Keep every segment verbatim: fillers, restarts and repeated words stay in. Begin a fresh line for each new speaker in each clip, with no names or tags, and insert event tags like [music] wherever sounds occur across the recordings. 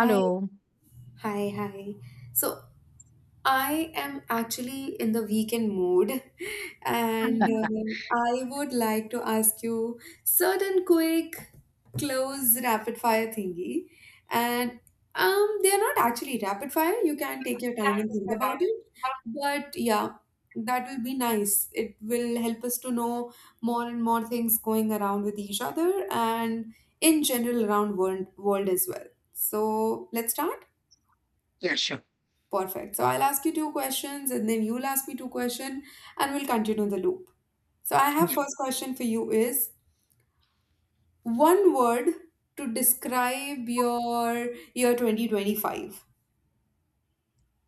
Hi, hi, hi. So I am actually in the weekend mood, [laughs] and
[laughs]
um, I would like to ask you certain quick, close, rapid fire thingy. And um, they are not actually rapid fire. You can take your time and think about it. But yeah, that will be nice. It will help us to know more and more things going around with each other and in general around world world as well. So let's start.
Yeah, sure.
Perfect. So I'll ask you two questions and then you'll ask me two questions and we'll continue the loop. So I have
Yeah.
first question for you is one word to describe your year twenty twenty-five.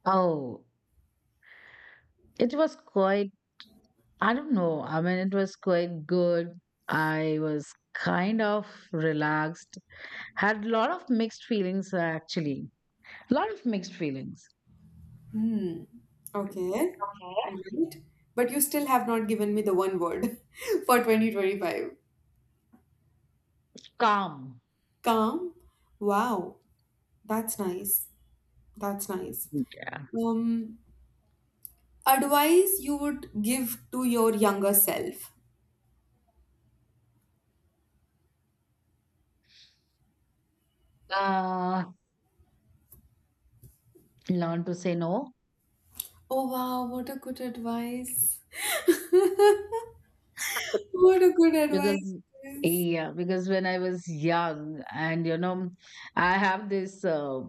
Oh, it was quite, I don't know. I mean, it was quite good. I was kind of relaxed. Had a lot of mixed feelings, actually. A lot of mixed feelings.
Hmm. Okay. Right. But you still have not given me the one word [laughs] for twenty twenty-five.
Calm.
Calm. Wow. That's nice. That's nice.
Mm.
Um, Advice you would give to your younger self.
Uh, Learn to say no
Oh wow, what a good advice. [laughs] What a good advice
because,
it is.
yeah, because when I was young and, you know, I have this. Uh,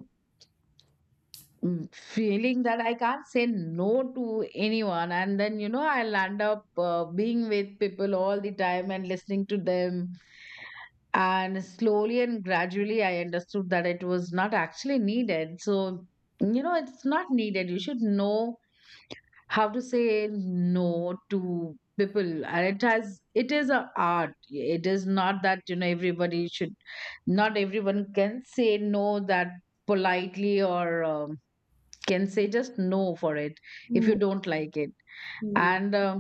Mm, feeling that I can't say no to anyone, and then you know I'll end up uh, being with people all the time and listening to them. And slowly and gradually, I understood that it was not actually needed. So you know, it's not needed. You should know how to say no to people, and it has it is a art. It is not that you know everybody should, not everyone can say no that politely, or. Um, can say just no for it if
Hmm,
you don't like it.
hmm,
And um,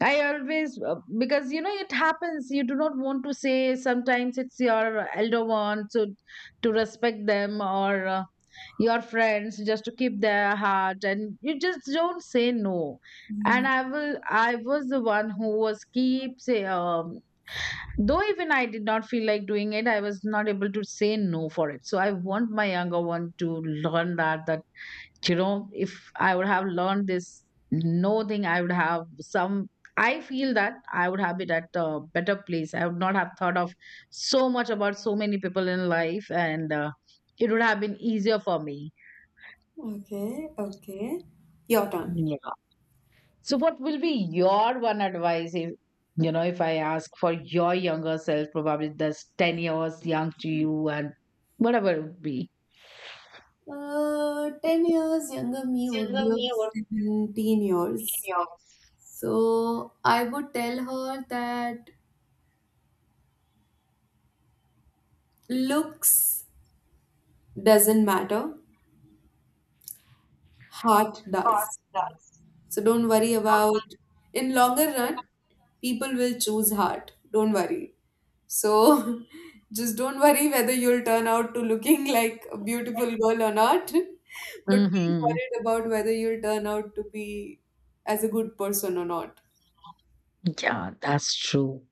I always uh, because you know it happens, you do not want to say, sometimes it's your elder one, so to respect them, or uh, your friends, just to keep their heart, and you just don't say no.
hmm.
And i will i was the one who was keep say um though even I did not feel like doing it, I was not able to say no for it. So I want my younger one to learn that that you know if I would have learned this no thing, I would have some, I feel that I would have been at a better place. I would not have thought of so much about so many people in life. And uh, it would have been easier for me.
Okay, okay. Your turn.
Yeah. So what will be your one advice if, you know if I ask for your younger self, probably that's ten years young to you, and whatever it would be.
Uh, 10 years younger me would be of 17 years. So I would tell her that looks doesn't matter, heart does. So don't worry about in longer run, people will choose heart. Don't worry. So [laughs] just don't worry whether you'll turn out to looking [laughs] like a beautiful girl or not. [laughs] But be
Hmm.
worried about whether you'll turn out to be as a good person or not.
Yeah, that's true.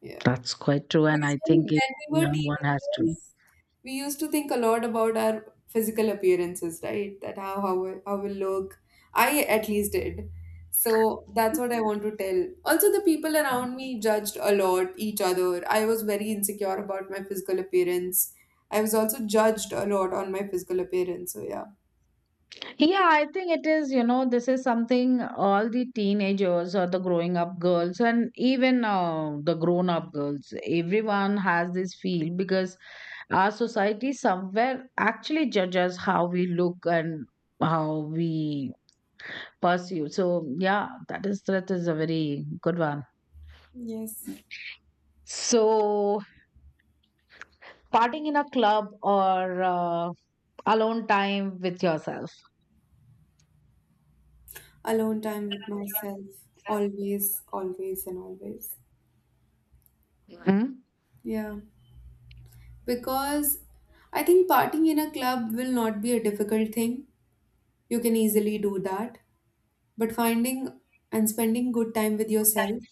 Yeah.
That's quite true. And
Because
I
when,
think
when
if
we were
young one has to.
teenagers, we used to think a lot about our physical appearances, right? That how how we- how we look. I at least did. So that's what I want to tell. Also, the people around me judged a lot each other. I was very insecure about my physical appearance. I was also judged a lot on my physical appearance. So yeah.
Yeah, I think it is, you know, this is something all the teenagers or the growing up girls, and even uh, the grown up girls, everyone has this feel, because our society somewhere actually judges how we look and how we pursue. So, yeah, that is that is a very good one.
Yes.
So, partying in a club or uh, alone time with yourself.
Alone time with myself. Always, always, and always.
Mhm.
Yeah. Because I think partying in a club will not be a difficult thing. You can easily do that. But finding and spending good time with yourself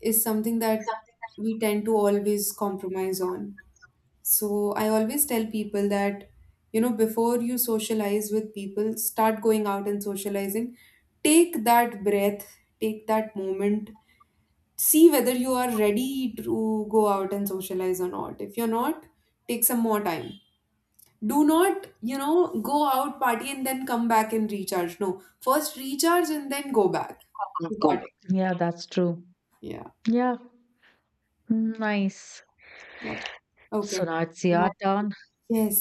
is something that we tend to always compromise on. So I always tell people that, you know, before you socialize with people, start going out and socializing. Take that breath, take that moment, see whether you are ready to go out and socialize or not. If you're not, take some more time. Do not you know go out party and then come back and recharge. No, first recharge and then go back to
Go.
party.
Yeah, that's true.
Yeah.
Yeah. Mm, nice.
What- okay
So now it's your
My-
turn.
yes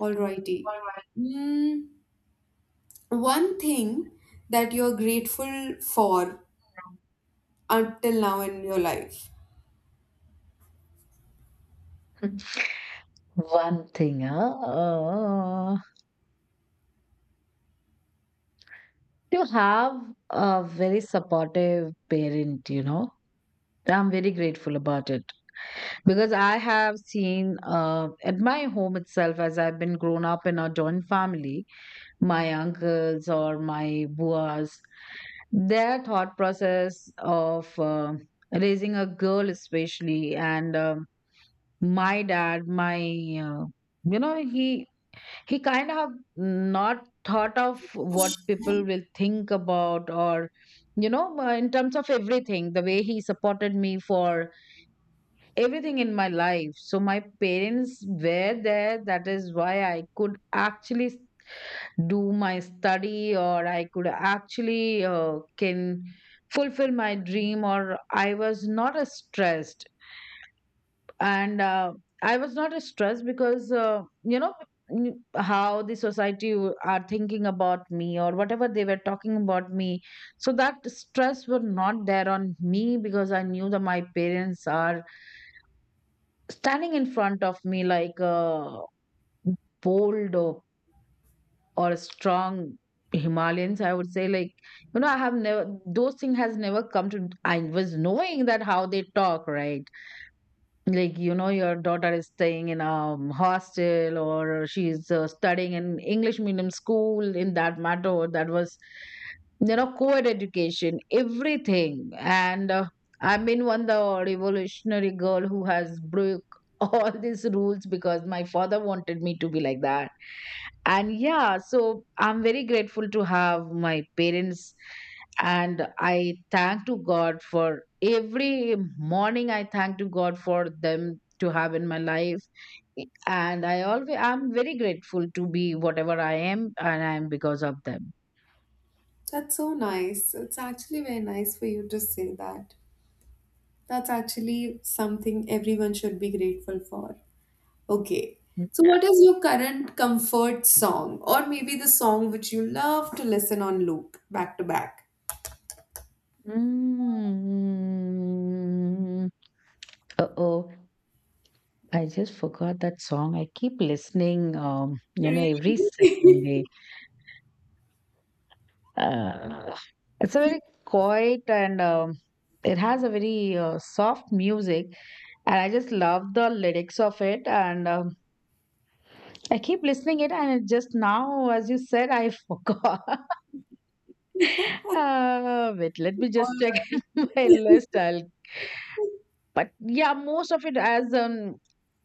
Alrighty. mm, One thing that you're grateful for until now in your life.
[laughs] One thing, huh? Uh, you have a very supportive parent, you know. I'm very grateful about it, because I have seen uh, at my home itself, as I've been grown up in a joint family, my uncles or my buas, their thought process of uh, raising a girl, especially, and um, my dad, my uh, you know, he he kind of not thought of what people will think about, or you know uh, in terms of everything, the way he supported me for everything in my life. So my parents were there, that is why I could actually s- do my study, or I could actually uh, can fulfill my dream, or I was not uh, stressed. And uh, I was not stressed, because uh, you know n- how the society w- are thinking about me, or whatever they were talking about me. So that stress were not there on me, because I knew that my parents are standing in front of me like uh, bold, or, or strong Himalayans, I would say, like, you know, I have never, those thing has never come to, I was knowing that how they talk, right? Like you know your daughter is staying in a hostel, or she's uh, studying in English medium school. In that matter, that was you know co-ed education, everything. And uh, I've been one the revolutionary girl who has broke [laughs] all these rules, because my father wanted me to be like that. And yeah, so I'm very grateful to have my parents. And I thank to God for every morning, I thank to God for them to have in my life. And I always, I'm very grateful to be whatever I am, and I am because of them.
That's so nice. It's actually very nice for you to say that. That's actually something everyone should be grateful for. Okay. So, what is your current comfort song, or maybe the song which you love to listen on loop back to back?
Mm. Uh-oh. I just forgot that song. I keep listening, um, you
Really?
know, every
[laughs]
second Uh, it's a
You-
very quiet, and um, it has a very uh, soft music, and I just love the lyrics of it, and um, I keep listening it, and it just now as you said I forgot. [laughs] uh, wait, let me
Or
just check [laughs] my list, I'll. But yeah, most of it as um,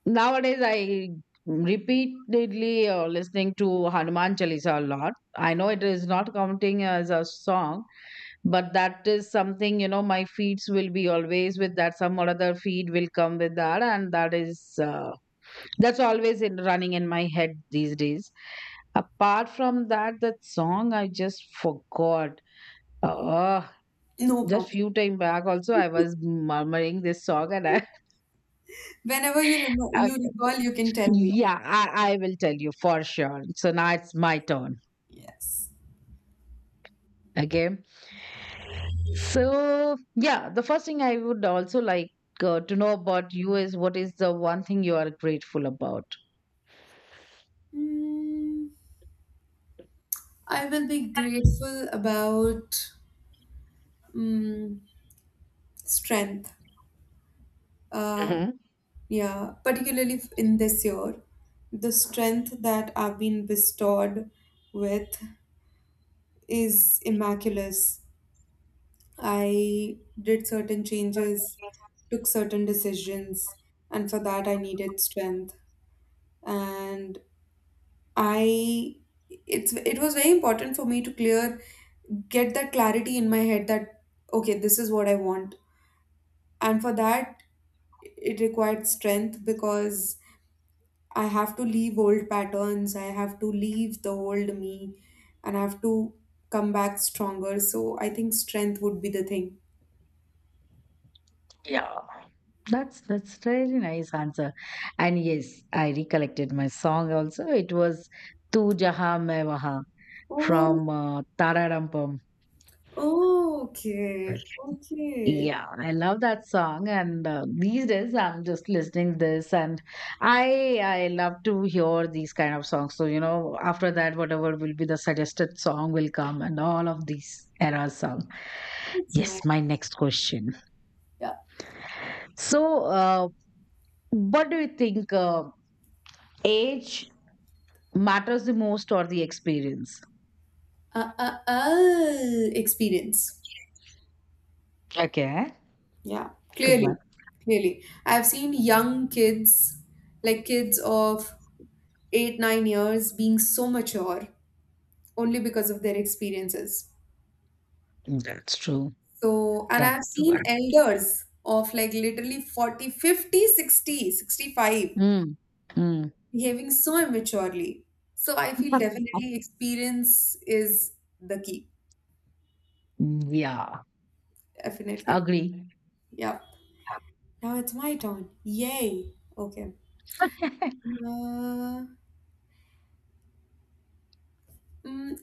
nowadays I repeatedly uh, listening to Hanuman Chalisa a lot. I know it is not counting as a song, but that is something, you know, my feeds will be always with that. Some or other feed will come with that, and that is uh, that's always in running in my head these days. Apart from that, that song I just forgot. Uh,
no
just
problem.
few time back also I was murmuring this song, and I.
Whenever you remo you
Okay.
recall, you can tell me.
Yeah, I, I will tell you for sure. So now it's my turn.
Yes.
Okay. So, yeah, the first thing I would also like uh, to know about you is, what is the one thing you are grateful about?
Mm, I will be grateful about mm, strength. Uh,
Hmm.
yeah, particularly in this year, the strength that I've been bestowed with is immaculate. I did certain changes, took certain decisions, and for that I needed strength. And I it's it was very important for me to clear get that clarity in my head that okay, this is what I want. And for that it required strength because I have to leave old patterns, I have to leave the old me and I have to come back stronger. So I think strength would be the thing.
Yeah, that's that's really nice answer. And yes, I recollected my song also. It was Tu Jahan Main Wahan,
Overall.
from uh, Tara.
Oh, okay, okay.
Yeah, I love that song, and uh, these days I'm just listening this, and I I love to hear these kind of songs. So you know, after that, whatever will be the suggested song will come, and all of these era song.
That's nice.
Yes, my next question.
Yeah.
So, uh, what do you think uh, age matters the most, or the experience?
Uh, uh, uh, experience.
Okay,
Yeah,
good
clearly,
one.
clearly. I've seen young kids, like kids of eight, nine years, being so mature only because of their experiences.
That's true.
So, and
That's
I've
true.
seen elders of like literally forty, fifty, sixty, sixty-five
Mm. Mm.
behaving so immaturely. So I feel definitely experience is the key.
Yeah,
Definitely.
agree.
Yep. Now it's my turn. Yay. Okay. Uh, mm,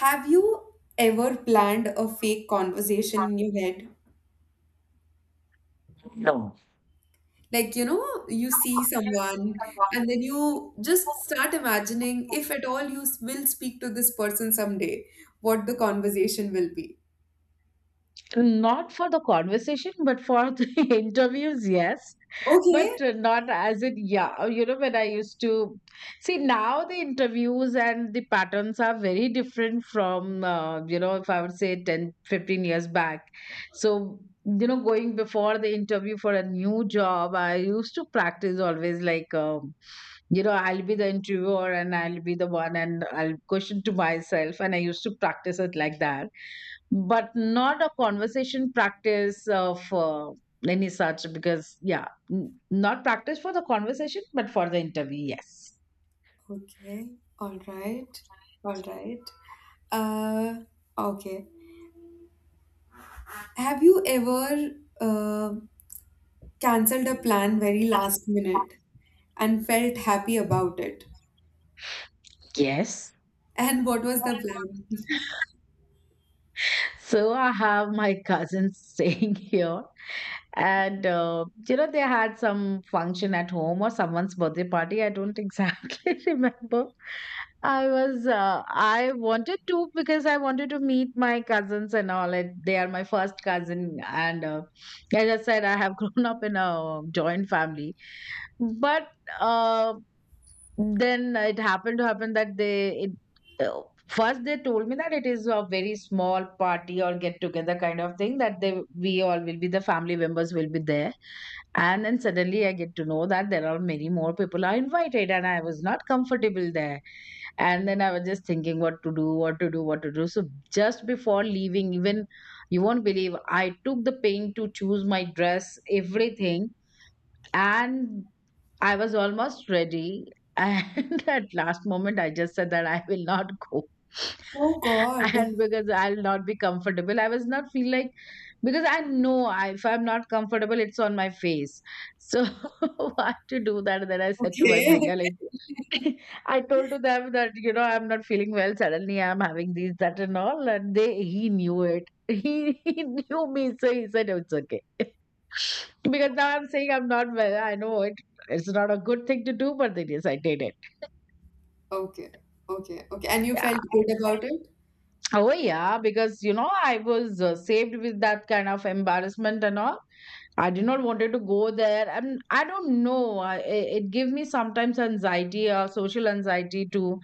have you ever planned a fake conversation in your head?
No.
Like, you know, you see someone and then you just start imagining if at all you s- will speak to this person someday, what the conversation will be.
Not for the conversation, but for the [laughs] interviews, yes.
Okay.
But uh, not as in, yeah, uh, you know, when I used to see now the interviews and the patterns are very different from, uh, you know, if I would say ten, fifteen years back. So, you know, going before the interview for a new job, I used to practice always, like, um, you know, I'll be the interviewer, and I'll be the one, and I'll question to myself. And I used to practice it like that, but not a conversation practice of uh, any such. Because yeah, n- not practice for the conversation, but for the interview, yes.
Okay. All right. All right. Uh, okay. Have you ever um canceled a plan very last minute and felt happy about it?
Yes,
And what was the plan?
so I have my cousin [laughs] staying here. And, uh, you know, they had some function at home, or someone's birthday party. I don't exactly [laughs] remember. I was, uh, I wanted to, because I wanted to meet my cousins and all. And they are my first cousin. And uh, as I said, I have [laughs] grown up in a joint family. But uh, then it happened to happen that they it, uh, first they told me that it is a very small party or get together kind of thing, that they we all will be the family members will be there. And then suddenly I get to know that there are many more people are invited, and I was not comfortable there. And then I was just thinking, what to do, what to do, what to do. So just before leaving, even, you won't believe, I took the pain to choose my dress, everything. And I was almost ready. And [laughs] at last moment, I just said that I will not go. [laughs]
Oh God.
And because I'll not be comfortable, I was not feel like, because I know I, if I'm not comfortable, it's on my face. So [laughs] why to do that? And then I said to my
Okay.
bhaiya,
[laughs]
like, [laughs] I told to them that you know I'm not feeling well. Suddenly I'm having these that and all, and they he knew it. [laughs] He, he knew me, so he said it's okay. [laughs] Because now I'm saying I'm not well, I know it. It's not a good thing to do, but it is. I did it.
Okay. Okay. Okay. And you
Yeah.
felt good about it?
Oh yeah, because you know I was uh, saved with that kind of embarrassment and all. I did not wanted to go there, and I don't know. I, i- it gave me sometimes anxiety, uh, social anxiety, to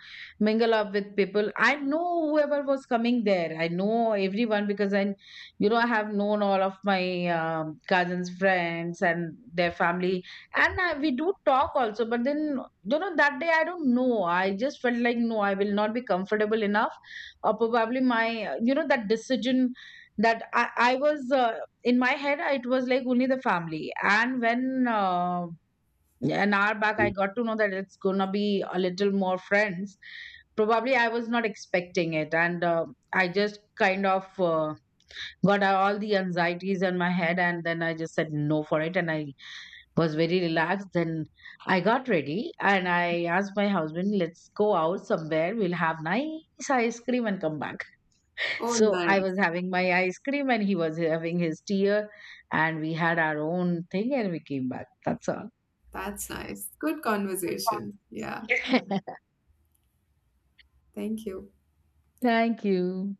mingle up with people. I know whoever was coming there. I know everyone, because I, you know, I have known all of my um, cousins, friends, and their family, and I, we do talk also. But then, you know, that day I don't know. I just felt like, no, I will not be comfortable enough, or probably my uh, you know, that decision, that i, I was uh, in my head I- it was like only the family. And when uh, an hour back I got to know that it's gonna be a little more friends, probably I was not expecting it. And uh, I just kind of uh, got all the anxieties in my head, and then I just said no for it, and I was very relaxed then. I got ready, and I asked my husband, let's go out somewhere, we'll have nice ice cream and come back.
Oh,
So I
nice.
was having my ice cream, and he was having his tea, uh, and we had our own thing, and we came back. That's all.
That's nice. Good conversation. Yeah.
[laughs]
Thank you.
Thank you.